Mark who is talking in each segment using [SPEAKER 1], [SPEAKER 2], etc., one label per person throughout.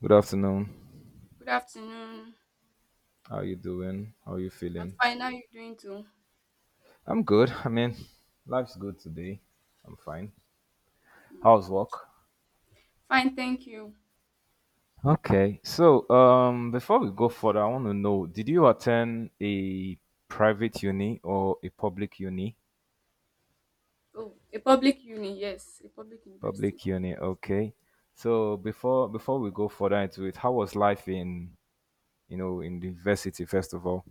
[SPEAKER 1] Good afternoon.
[SPEAKER 2] Good afternoon.
[SPEAKER 1] How you doing? How you
[SPEAKER 2] I'm
[SPEAKER 1] feeling?
[SPEAKER 2] fine. How are you doing too?
[SPEAKER 1] I'm good. I mean, life's good today. I'm fine. How's work?
[SPEAKER 2] Fine, thank you.
[SPEAKER 1] Okay. So, before we go further, I want to know: Did you attend a private uni or a public uni?
[SPEAKER 2] Oh, a public uni, yes, a public university.
[SPEAKER 1] Public uni. Okay. So before we go further into it, how was life in you know in the university first of all?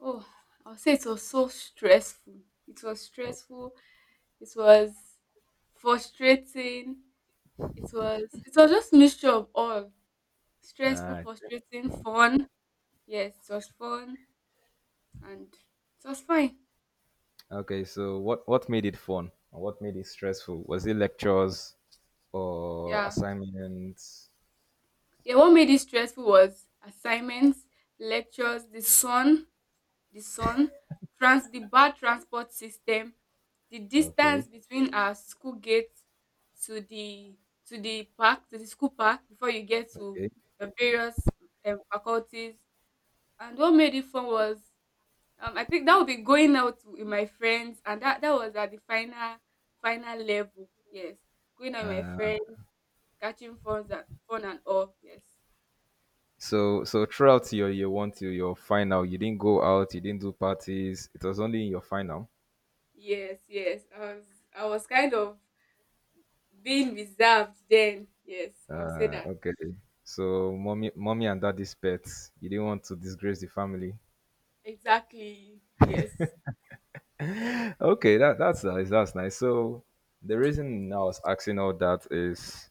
[SPEAKER 2] Oh, I'll say it was so stressful. It was
[SPEAKER 1] Oh,
[SPEAKER 2] stressful. It was frustrating. It was just mixture of all.
[SPEAKER 1] all
[SPEAKER 2] Stressful,
[SPEAKER 1] right.
[SPEAKER 2] frustrating, fun. Yes, it was fun and it was fine.
[SPEAKER 1] Okay, so what made it fun and what made it stressful? Was it lectures or
[SPEAKER 2] Yeah.
[SPEAKER 1] assignments?
[SPEAKER 2] Yeah, what made it stressful was assignments, lectures, the sun. The sun, trans The bad transport system, the distance
[SPEAKER 1] Okay,
[SPEAKER 2] between our school gate to the to the park, to the school park before you get to
[SPEAKER 1] okay.
[SPEAKER 2] the various faculties. And what made it fun was I think that would be going out with my friends, and that was at the final level. Yes, going out with my friends, catching fun and fun and all. Yes,
[SPEAKER 1] so throughout your year one till your final, you didn't go out, you didn't do parties. It was only in your final.
[SPEAKER 2] yes, yes. I was kind of being reserved then, yes, I'll say that.
[SPEAKER 1] Okay. So mommy and daddy's pets. You didn't want to disgrace the family.
[SPEAKER 2] Exactly. Yes.
[SPEAKER 1] Okay, that's nice. That's nice. So the reason I was asking all that is,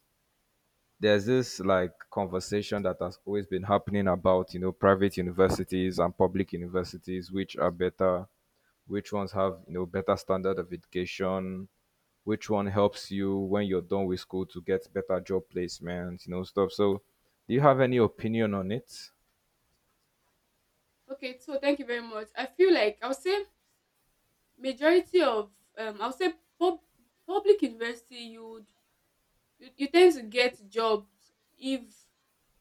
[SPEAKER 1] there's this like conversation that has always been happening about, you know, private universities and public universities, which are better, which ones have, you know, better standard of education, which one helps you when you're done with school to get better job placement, you know, stuff. So do you have any opinion on it?
[SPEAKER 2] Okay, so thank you very much. I feel like I'll say majority of I'll say pub- public university you tend to get jobs if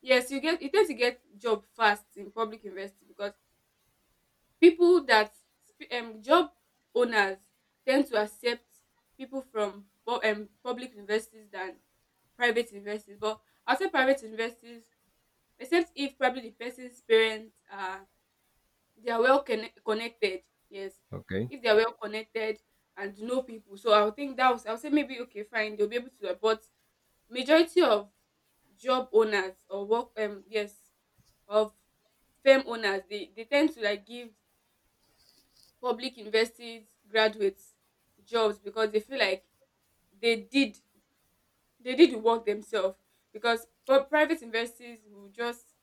[SPEAKER 2] yes, you tend to get job fast in public university because people that job owners tend to accept people from public universities than private universities. But I'll say private universities, except if probably the person's parents are they are well connected. Yes,
[SPEAKER 1] Okay.
[SPEAKER 2] if they are well connected and know people, so I would think that was I would say maybe okay, fine, they'll be able to. But majority of job owners or work yes, of firm owners, they tend to like give public universities graduates jobs because they feel like they did they did the work themselves because private universities will just,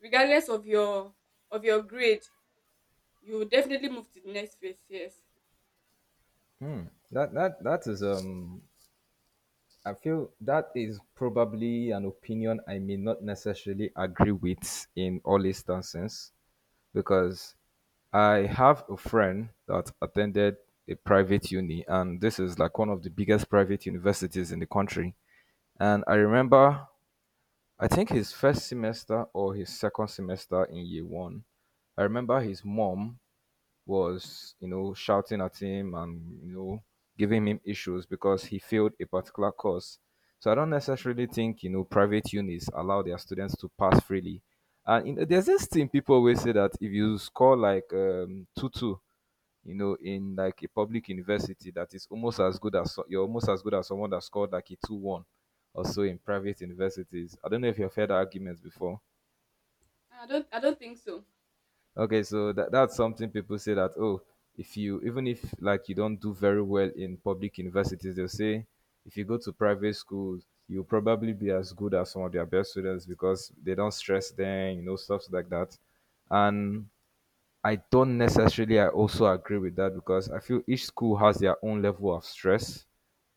[SPEAKER 2] regardless of your grade, you will definitely move to the next phase, yes.
[SPEAKER 1] That is, I feel that is probably an opinion I may not necessarily agree with in all instances. Because I have a friend that attended a private uni, and this is like one of the biggest private universities in the country. And I remember, I think his first semester or his second semester in year one, I remember his mom was, you know, shouting at him and, you know, giving him issues because he failed a particular course. So I don't necessarily think, you know, private unis allow their students to pass freely. And you there's this thing people always say that if you score like, 2:2, you know, in like a public university, that is almost as good as you're almost as good as someone that scored like a 2:1 or so in private universities. I don't know if you've heard that argument before.
[SPEAKER 2] I don't think so.
[SPEAKER 1] Okay, so that's something people say that, oh, if you even if like you don't do very well in public universities, they'll say if you go to private schools, you'll probably be as good as some of their best students because they don't stress them, you know, stuff like that. And I don't necessarily I also agree with that because I feel each school has their own level of stress.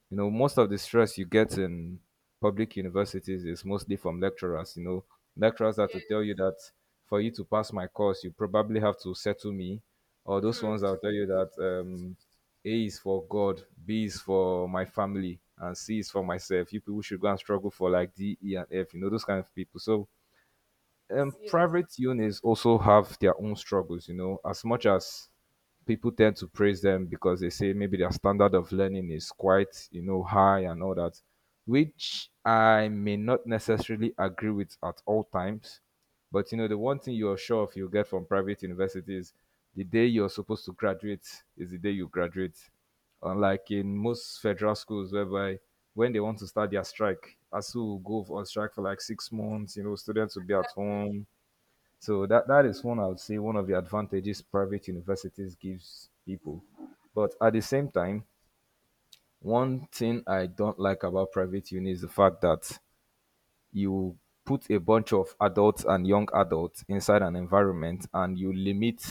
[SPEAKER 1] You know, most of the stress you get in public universities is mostly from lecturers. You know, lecturers are to
[SPEAKER 2] Yes.
[SPEAKER 1] tell you that for you to pass my course, you probably have to settle me, or those
[SPEAKER 2] True,
[SPEAKER 1] ones
[SPEAKER 2] true.
[SPEAKER 1] that'll tell you that, A is for God, B is for my family, and C is for myself. You people should go and struggle for like D, E, and F. You know, those kind of people. So,
[SPEAKER 2] Yes.
[SPEAKER 1] private unis also have their own struggles, you know, as much as people tend to praise them because they say maybe their standard of learning is quite, you know, high and all that, which I may not necessarily agree with at all times. But, you know, the one thing you're sure of you'll get from private universities, the day you're supposed to graduate is the day you graduate, unlike in most federal schools whereby when they want to start their strike, ASU will go on strike for like 6 months. You know, students will be at
[SPEAKER 2] Yes.
[SPEAKER 1] home. So that, that is one, I would say, one of the advantages private universities gives people. But at the same time, one thing I don't like about private uni is the fact that you put a bunch of adults and young adults inside an environment and you limit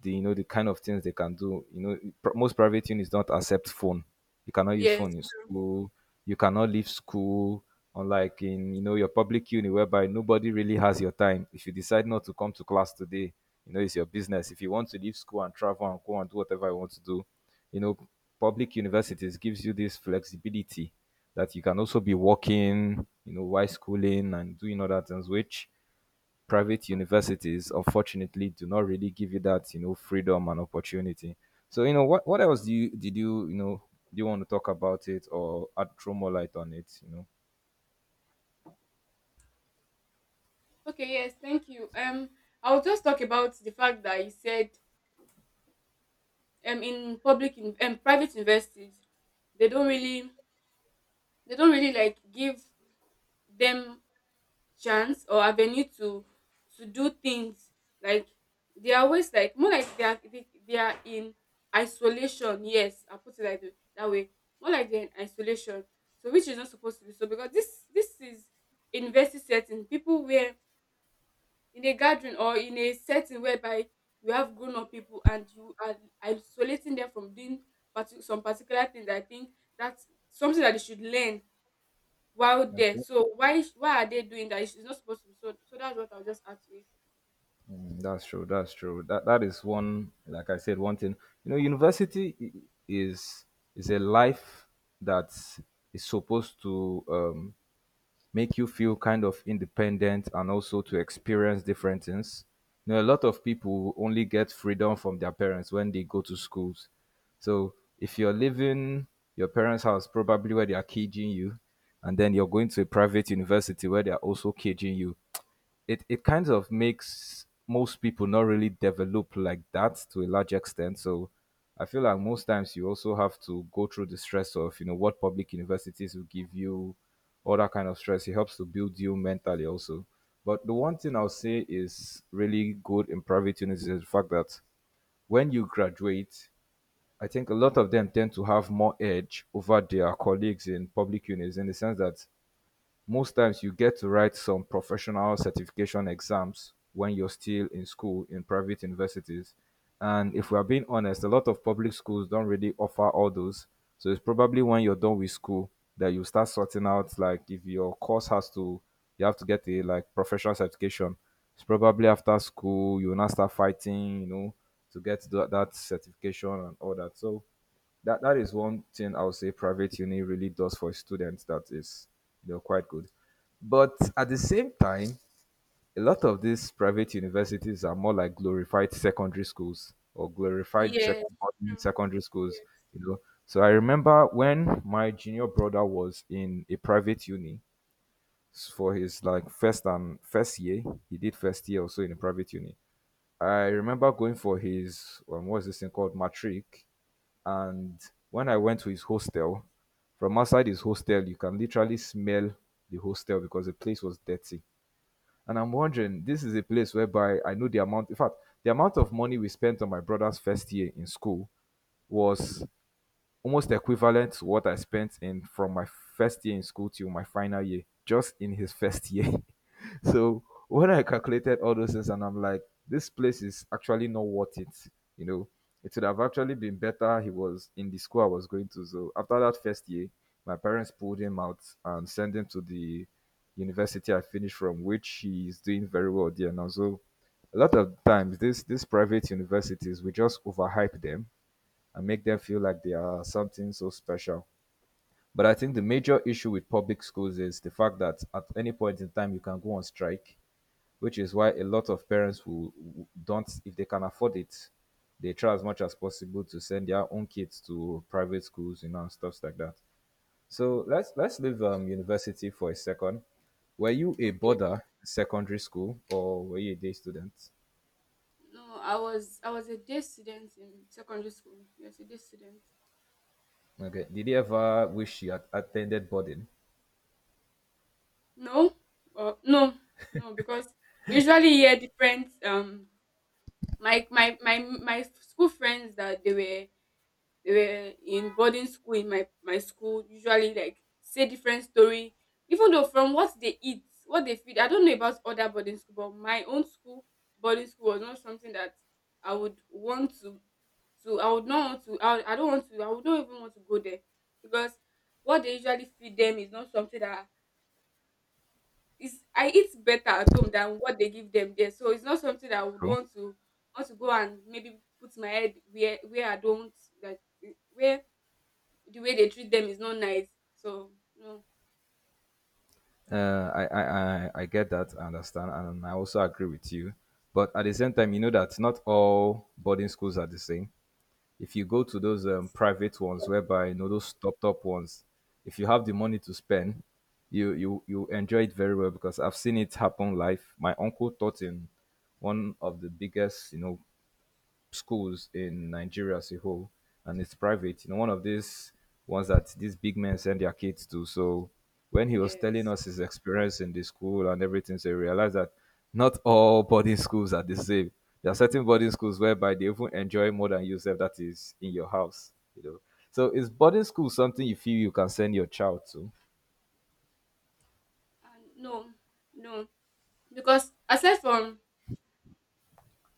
[SPEAKER 1] the, you know, the kind of things they can do. You know, most private units don't accept phone. You cannot use
[SPEAKER 2] Yes.
[SPEAKER 1] phone in school. You cannot leave school. Unlike in, you know, your public uni, whereby nobody really has your time. If you decide not to come to class today, you know it's your business. If you want to leave school and travel and go and do whatever you want to do, you know, public universities gives you this flexibility that you can also be working, you know, while schooling and doing other things, which private universities unfortunately do not really give you that, you know, freedom and opportunity. So, you know, what else do you did you you know do you want to talk about it or add throw more light on it?
[SPEAKER 2] Okay, yes, thank you. I'll just talk about the fact that you said in public in private universities they don't really they don't really like give them chance or avenue to do things, like they are always like more like they are in isolation, yes, I'll put it like that way, more like they're in isolation. So which is not supposed to be so, because this is university setting, people where in a gathering or in a setting whereby you have grown-up people and you are isolating them from doing some particular things. I think that's something that they should learn while there.
[SPEAKER 1] Okay.
[SPEAKER 2] So why are they doing that? It's not supposed to be so. So that's what I'll just add to it.
[SPEAKER 1] Mm, that's true. That's true. That is one, like I said, one thing. You know, university is is a life that is supposed to, make you feel kind of independent and also to experience different things. You know, a lot of people only get freedom from their parents when they go to schools. So if you're living your parents' house, probably where they are caging you, and then you're going to a private university where they are also caging you, it kind of makes most people not really develop like that to a large extent. So I feel like most times you also have to go through the stress of, you know, what public universities will give you, all that kind of stress. It helps to build you mentally also. But the one thing I'll say is really good in private universities is the fact that when you graduate, I think a lot of them tend to have more edge over their colleagues in public unis in the sense that most times you get to write some professional certification exams when you're still in school in private universities. And if we're being honest, a lot of public schools don't really offer all those. So it's probably when you're done with school that you start sorting out, like, if your course has to you have to get a like professional certification. It's probably after school you will now start fighting, you know, to get that, that certification and all that. So that that is one thing I would say private uni really does for students that is, you know, quite good. But at the same time, a lot of these private universities are more like glorified secondary schools or glorified
[SPEAKER 2] Yes,
[SPEAKER 1] boarding
[SPEAKER 2] true.
[SPEAKER 1] secondary schools,
[SPEAKER 2] Yes.
[SPEAKER 1] you know. So I remember when my junior brother was in a private uni, for his like first year, he did first year also in a private uni. I remember going for his, what's this thing called, matric, and when I went to his hostel, from outside his hostel, you can literally smell the hostel because the place was dirty. And I'm wondering, this is a place whereby I know the amount, in fact, the amount of money we spent on my brother's first year in school was almost equivalent to what I spent in from my first year in school till my final year, just in his first year. So when I calculated all those things, and I'm like, this place is actually not worth it. You know, it would have actually been better. He was in the school I was going to. So after that first year, my parents pulled him out and sent him to the university I finished from, which he is doing very well there now. So a lot of times, these private universities, we just overhype them and make them feel like they are something so special. But I think the major issue with public schools is the fact that at any point in time you can go on strike, which is why a lot of parents don't, if they can afford it, they try as much as possible to send their own kids to private schools, you know, and stuff like that. So let's leave, university for a second. Were you a
[SPEAKER 2] Okay.
[SPEAKER 1] boarder in secondary school or were you a day student?
[SPEAKER 2] No, I was a day student in secondary school. Yes, a day student.
[SPEAKER 1] Okay. Did you ever wish you had attended boarding?
[SPEAKER 2] No, no, no, because we usually hear different my school friends that they were we were in boarding school in my school usually like say different story, even though from what they eat, what they feed, I don't know about other boarding school, but my own school boarding school was not something that i would want to I would not even want to go there, because what they usually feed them is not something that is I eat better at home than what they give them there. So it's not something that I would
[SPEAKER 1] True.
[SPEAKER 2] want to go and maybe put my head where I don't like, where the way they treat them is not nice. So no,
[SPEAKER 1] I get that, I understand, and I also agree with you. But at the same time, you know that not all boarding schools are the same. If you go to those, private ones,
[SPEAKER 2] yes,
[SPEAKER 1] whereby you know those top top ones, if you have the money to spend, you enjoy it very well because I've seen it happen live. My uncle taught in one of the biggest, you know, schools in Nigeria as a whole, and it's private. You know, one of these ones that these big men send their kids to. So when he was telling
[SPEAKER 2] yes.
[SPEAKER 1] us his experience in the school and everything, so we realized that not all boarding schools are the same. There are certain boarding schools whereby they even enjoy more than yourself that is in your house. You know, so is boarding school something you feel you can send your child to?
[SPEAKER 2] And no, no, because aside from,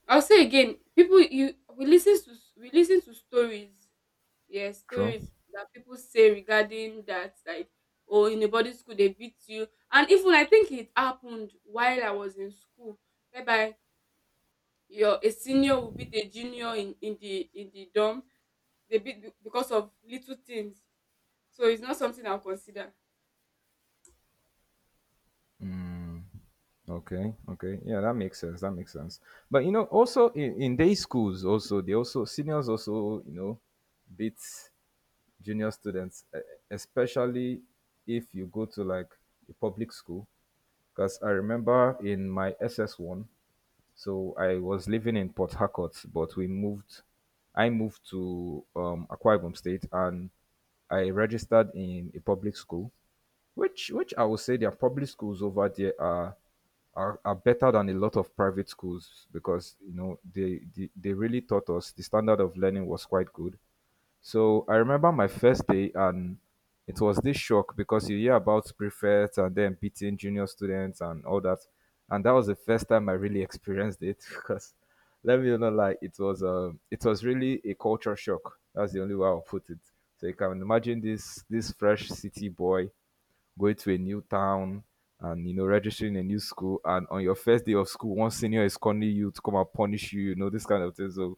[SPEAKER 2] I'll say again, people you we listen to stories, yes,
[SPEAKER 1] True.
[SPEAKER 2] stories that people say regarding that, like oh, in a boarding school they beat you, and even I think it happened while I was in school, whereby your a senior will beat a junior in in the dorm. They beat because of little things. So it's not something I'll consider.
[SPEAKER 1] Okay, okay. Yeah, that makes sense. That makes sense. But you know, also in day schools, also they also seniors also, you know, beat junior students, especially if you go to like a public school. Because I remember in my SS1, so I was living in Port Harcourt, but we moved, I moved to Akwa Ibom State, and I registered in a public school which I would say their public schools over there are are better than a lot of private schools, because you know they really taught us. The standard of learning was quite good, so I remember my first day, and it was this shock because you hear about prefects and then beating junior students and all that. And that was the first time I really experienced it because let me not lie, it was really a culture shock. That's the only way I'll put it. So you can imagine this fresh city boy going to a new town and you know registering a new school, and on your first day of school one senior is calling you to come and punish you, you know, this kind of thing. So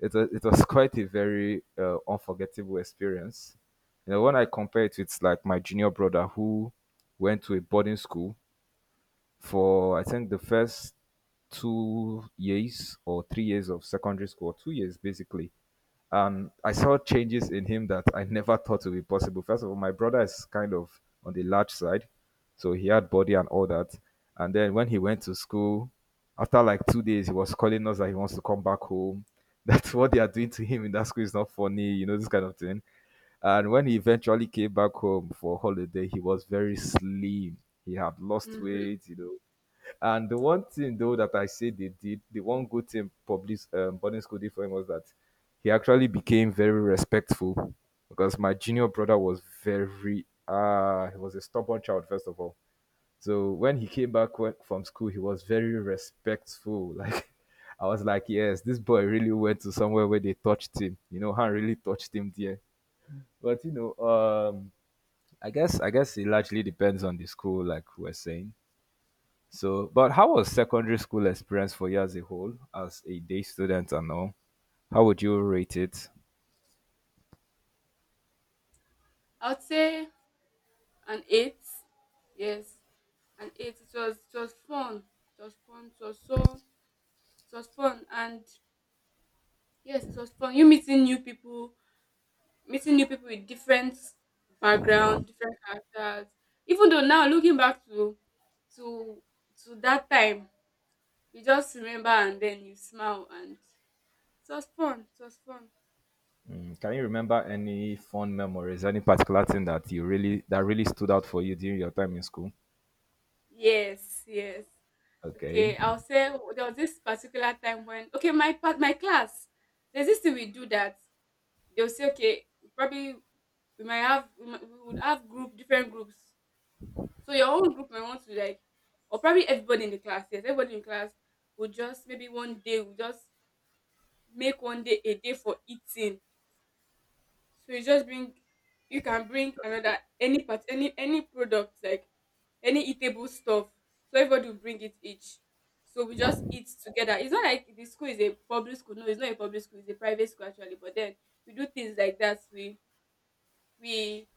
[SPEAKER 1] it was quite a very unforgettable experience. You know, when I compare it with like my junior brother who went to a boarding school for I think the first 2 years or 3 years of secondary school, or 2 years basically, and I saw changes in him that I never thought would be possible. First of all, my brother is kind of on the large side, so he had body and all that. And then when he went to school, after like 2 days, he was calling us that he wants to come back home. That's what they are doing to him in that school is not funny, you know, this kind of thing. And when he eventually came back home for holiday, he was very slim. He had lost
[SPEAKER 2] Mm.
[SPEAKER 1] weight, you know, and the one thing though that I say they did, the one good thing public boarding school did for him was that he actually became very respectful, because my junior brother was very he was a stubborn child first of all. So when he came back from school, he was very respectful. Like I was like, yes, this boy really went to somewhere where they touched him. You know, Han really touched him there. But you know, I guess it largely depends on the school, like we're saying. So, but how was secondary school experience for you as a whole, as a day student and all? How would you rate it?
[SPEAKER 2] I would say an eight. Yes, an eight. It was fun. It was fun. It was fun, and yes, it was fun. You meeting new people, Meeting new people with different background, different characters. Even though now looking back to to to that time, you just remember and then you smile and it was fun. It was fun.
[SPEAKER 1] Mm, can you remember any fond memories, any particular thing that you really that really stood out for you during your time in school?
[SPEAKER 2] Yes, yes.
[SPEAKER 1] Okay.
[SPEAKER 2] Okay, I'll say there was this particular time when, okay, my class. There's this thing we do that they'll say, okay, probably we might have we, might, we would have group different groups. So your own group might want to like, or probably everybody in the class, yes, everybody in class will just maybe one day we just make one day a day for eating. So you just bring, you can bring another any part any product, like any eatable stuff. So everybody will bring it each. So we just eat together. It's not like the school is a public school. No, it's not a public school. It's a private school actually. But then we do things like that. We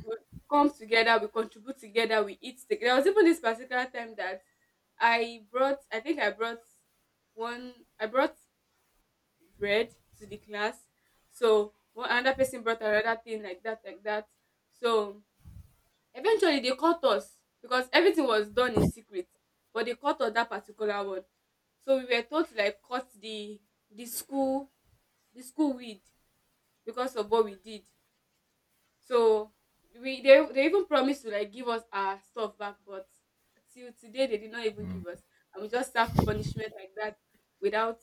[SPEAKER 2] we come together. We contribute together. We eat together. There was even this particular time that I brought. I think I brought one. I brought bread to the class. So one another person brought another thing like that, like that. So eventually they caught us because everything was done in secret, but they caught us that particular one. So we were told to like cut the the school the school weed because of what we did. So we they even promised to like give us our stuff back, but till today they did not even give us, and we just served punishment like that without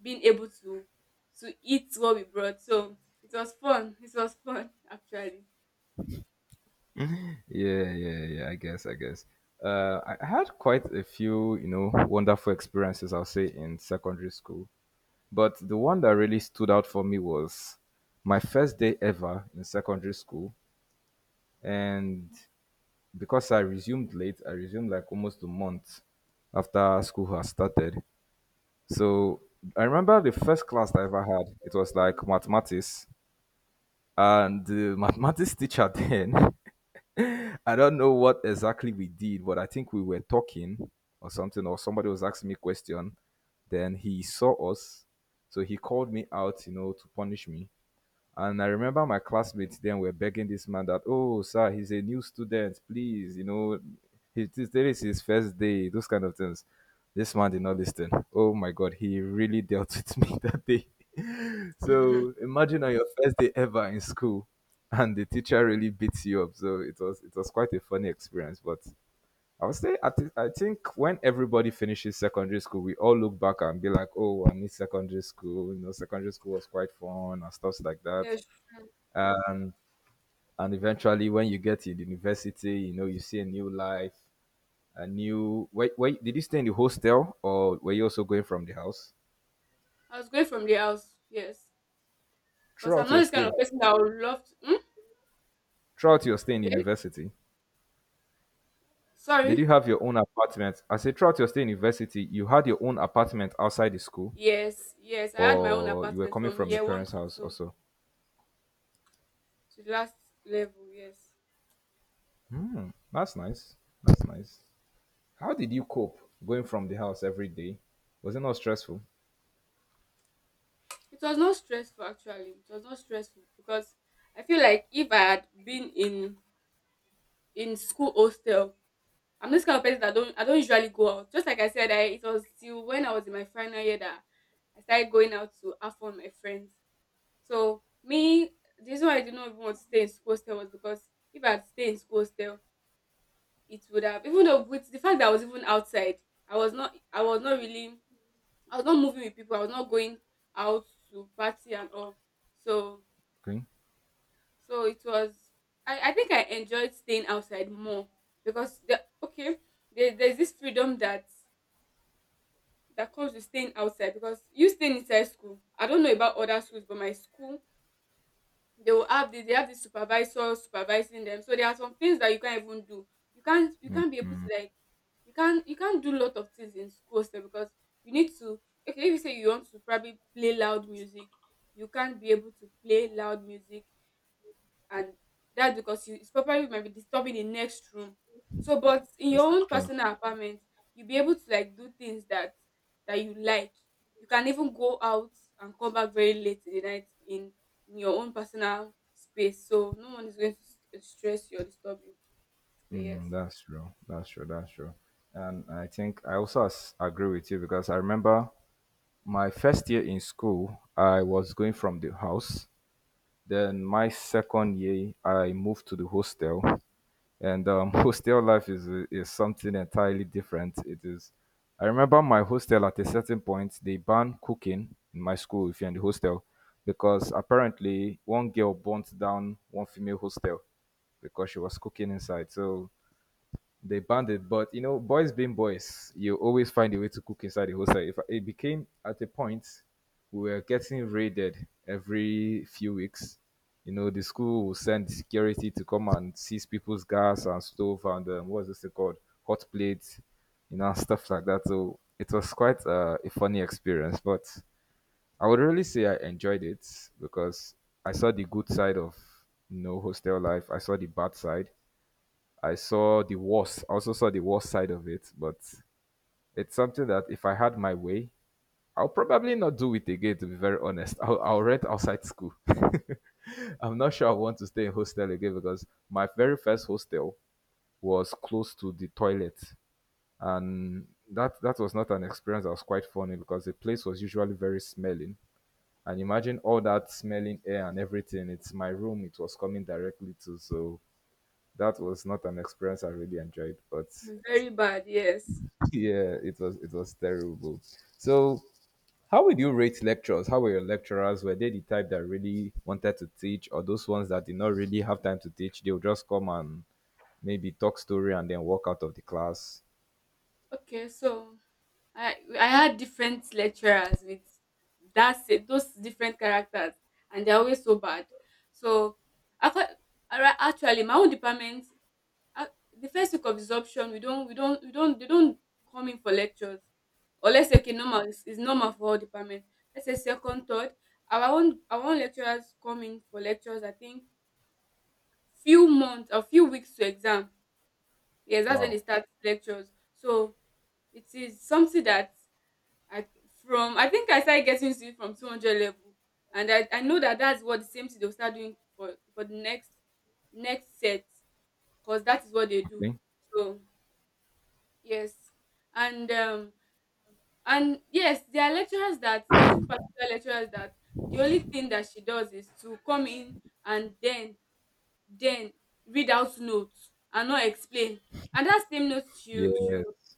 [SPEAKER 2] being able to eat what we brought. So it was fun. It was fun actually.
[SPEAKER 1] Yeah, yeah, yeah. I guess, I guess. I had quite a few, you know, wonderful experiences, I'll say, in secondary school. But the one that really stood out for me was my first day ever in secondary school. And because I resumed late, I resumed like almost a month after school has started. So I remember the first class I ever had, it was like mathematics. And the mathematics teacher then, I don't know what exactly we did, but I think we were talking or something, or somebody was asking me a question. Then he saw us. So he called me out, you know, to punish me. And I remember my classmates then were begging this man that, oh, sir, he's a new student, please, you know, today is his first day, those kind of things. This man did not listen. Oh my God, he really dealt with me that day. So imagine on your first day ever in school, and the teacher really beats you up. So it was quite a funny experience. But I would say I think when everybody finishes secondary school, we all look back and be like, oh, I miss secondary school. You know, secondary school was quite fun and stuff like that,
[SPEAKER 2] Yes,
[SPEAKER 1] and and eventually when you get to the university, you know, you see a new life, a new wait, did you stay in the hostel or were you also going from the house
[SPEAKER 2] I was going from the house. Yes, because I'm
[SPEAKER 1] throughout
[SPEAKER 2] not
[SPEAKER 1] your
[SPEAKER 2] this kind
[SPEAKER 1] stay?
[SPEAKER 2] of person that would love to. Hmm?
[SPEAKER 1] Throughout your stay in
[SPEAKER 2] Yes,
[SPEAKER 1] university did
[SPEAKER 2] sorry.
[SPEAKER 1] you have your own apartment? I say throughout your stay in university you had your own apartment outside the school,
[SPEAKER 2] Yes, yes. I had my own
[SPEAKER 1] or you were
[SPEAKER 2] apartment
[SPEAKER 1] coming
[SPEAKER 2] from
[SPEAKER 1] from your
[SPEAKER 2] year one
[SPEAKER 1] parents
[SPEAKER 2] to
[SPEAKER 1] house
[SPEAKER 2] two
[SPEAKER 1] also?
[SPEAKER 2] to the last level. Yes.
[SPEAKER 1] That's nice. That's nice. How did you cope going from the house every day? Was it not stressful?
[SPEAKER 2] It was not stressful actually. It was not stressful because I feel like if I had been in school hostel, I'm this kind of person that don't I don't usually go out. Just like I said, I it was till when I was in my final year that I started going out to have fun with my friends. So me, the reason why I did not even want to stay in school hostel was because if I had stayed in school hostel, it would have, even though with the fact that I was even outside, I was not really I was not moving with people. I was not going out to party and all. So,
[SPEAKER 1] Okay.
[SPEAKER 2] so it was, I think I enjoyed staying outside more, because the, okay, there's this freedom that comes with staying outside, because you staying inside school, I don't know about other schools, but my school, they have the supervisor supervising them. So there are some things that you can't even do. You can't you
[SPEAKER 1] Mm.
[SPEAKER 2] can't be able to like, you can't do a lot of things in school sef, because you need to okay, if you say you want to probably play loud music, you can't be able to play loud music, and that's because it's probably might be disturbing the next room. So, but in
[SPEAKER 1] Yeah,
[SPEAKER 2] your own
[SPEAKER 1] true.
[SPEAKER 2] personal apartment, you'll be able to like do things that you like. You can even go out and come back very late in the night, in your own personal space. So no one is going to stress you or disturb you. So yes,
[SPEAKER 1] Mm, that's true. That's true. That's true. And I think I also agree with you because I remember my first year in school, I was going from the house. Then my second year, I moved to the hostel, and hostel life is something entirely different. It is. I remember my hostel at a certain point they banned cooking in my school if you're in the hostel, because apparently one girl burnt down one female hostel because she was cooking inside. So they banned it. But you know, boys being boys, you always find a way to cook inside the hostel. If it became at a point, we were getting raided every few weeks. You know, the school will send security to come and seize people's gas and stove and what's this thing called, hot plates, you know, stuff like that. So it was quite a funny experience. But I would really say I enjoyed it because I saw the good side of, you know, hostel life. I saw the bad side. I also saw the worst side of it, but it's something that if I had my way, I'll probably not do it again. To be very honest, I'll rent outside school. I'm not sure I want to stay in hostel again, because my very first hostel was close to the toilet, and that was not an experience that was quite funny because the place was usually very smelling. And imagine all that smelling air and everything. It's my room. It was coming directly to, so that was not an experience I really enjoyed, but
[SPEAKER 2] very bad. Yes.
[SPEAKER 1] yeah, it was terrible. So, how would you rate lecturers? How were your lecturers? Were they the type that really wanted to teach, or those ones that did not really have time to teach? They would just come and maybe talk story and then walk out of the class.
[SPEAKER 2] Okay, so I had different lecturers with those different characters, and they're always so bad. So after actually my own department, ah, the first week of absorption, we don't we don't we don't they don't come in for lectures. Or let's say, okay, normal is normal for all department. Let's say second, third, our own lecturers come in for lectures. I think few months or few weeks to exam. Yes, that's when
[SPEAKER 1] Wow.
[SPEAKER 2] they start lectures. So it is something that I I think I started getting to it from 200 level, and I know that that's what, the same thing they'll start doing for the next set, cause that is what they do.
[SPEAKER 1] Okay.
[SPEAKER 2] So yes, and yes, there are lecturers that, there's this particular lecturers that the only thing that she does is to come in and then then read out notes and not explain, and that same notes she she
[SPEAKER 1] Yes.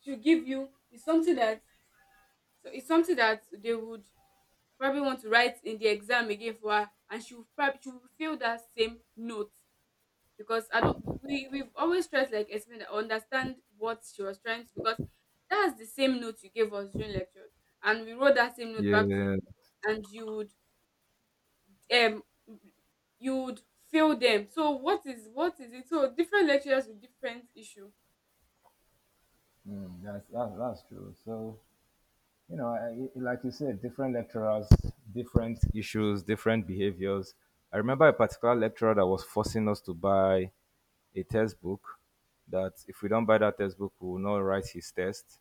[SPEAKER 2] she give you is something that, so it's something that they would probably want to write in the exam again for her, and she will feel that same note, because I don't we we've always tried to like explain that, understand what she was trying to, because that's the same note you gave us during lecture and we wrote that same note back to you,
[SPEAKER 1] Yes.
[SPEAKER 2] and um you would feel them. So what is it? So different lecturers with different issue.
[SPEAKER 1] That's true. So you know, I, like you said, different lecturers, different issues, different behaviors. I remember a particular lecturer that was forcing us to buy a textbook, that if we don't buy that textbook, we will not write his test.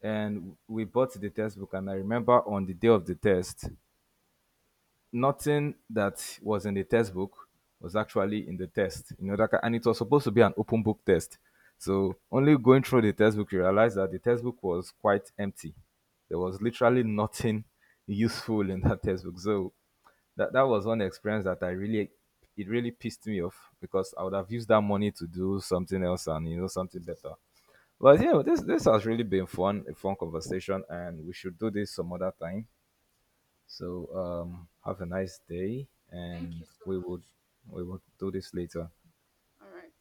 [SPEAKER 1] And we bought the textbook, and I remember on the day of the test, nothing that was in the textbook was actually in the test. You know that, and it was supposed to be an open book test. So only going through the textbook, you realize that the textbook was quite empty. There was literally nothing useful in that textbook. So that was one experience that I really it really pissed me off because I would have used that money to do something else and you know something better. But yeah, this has really been fun, a fun conversation, and we should do this some other time. So have a nice day,
[SPEAKER 2] Thank
[SPEAKER 1] and
[SPEAKER 2] you so much.
[SPEAKER 1] we will do this later.
[SPEAKER 2] All right.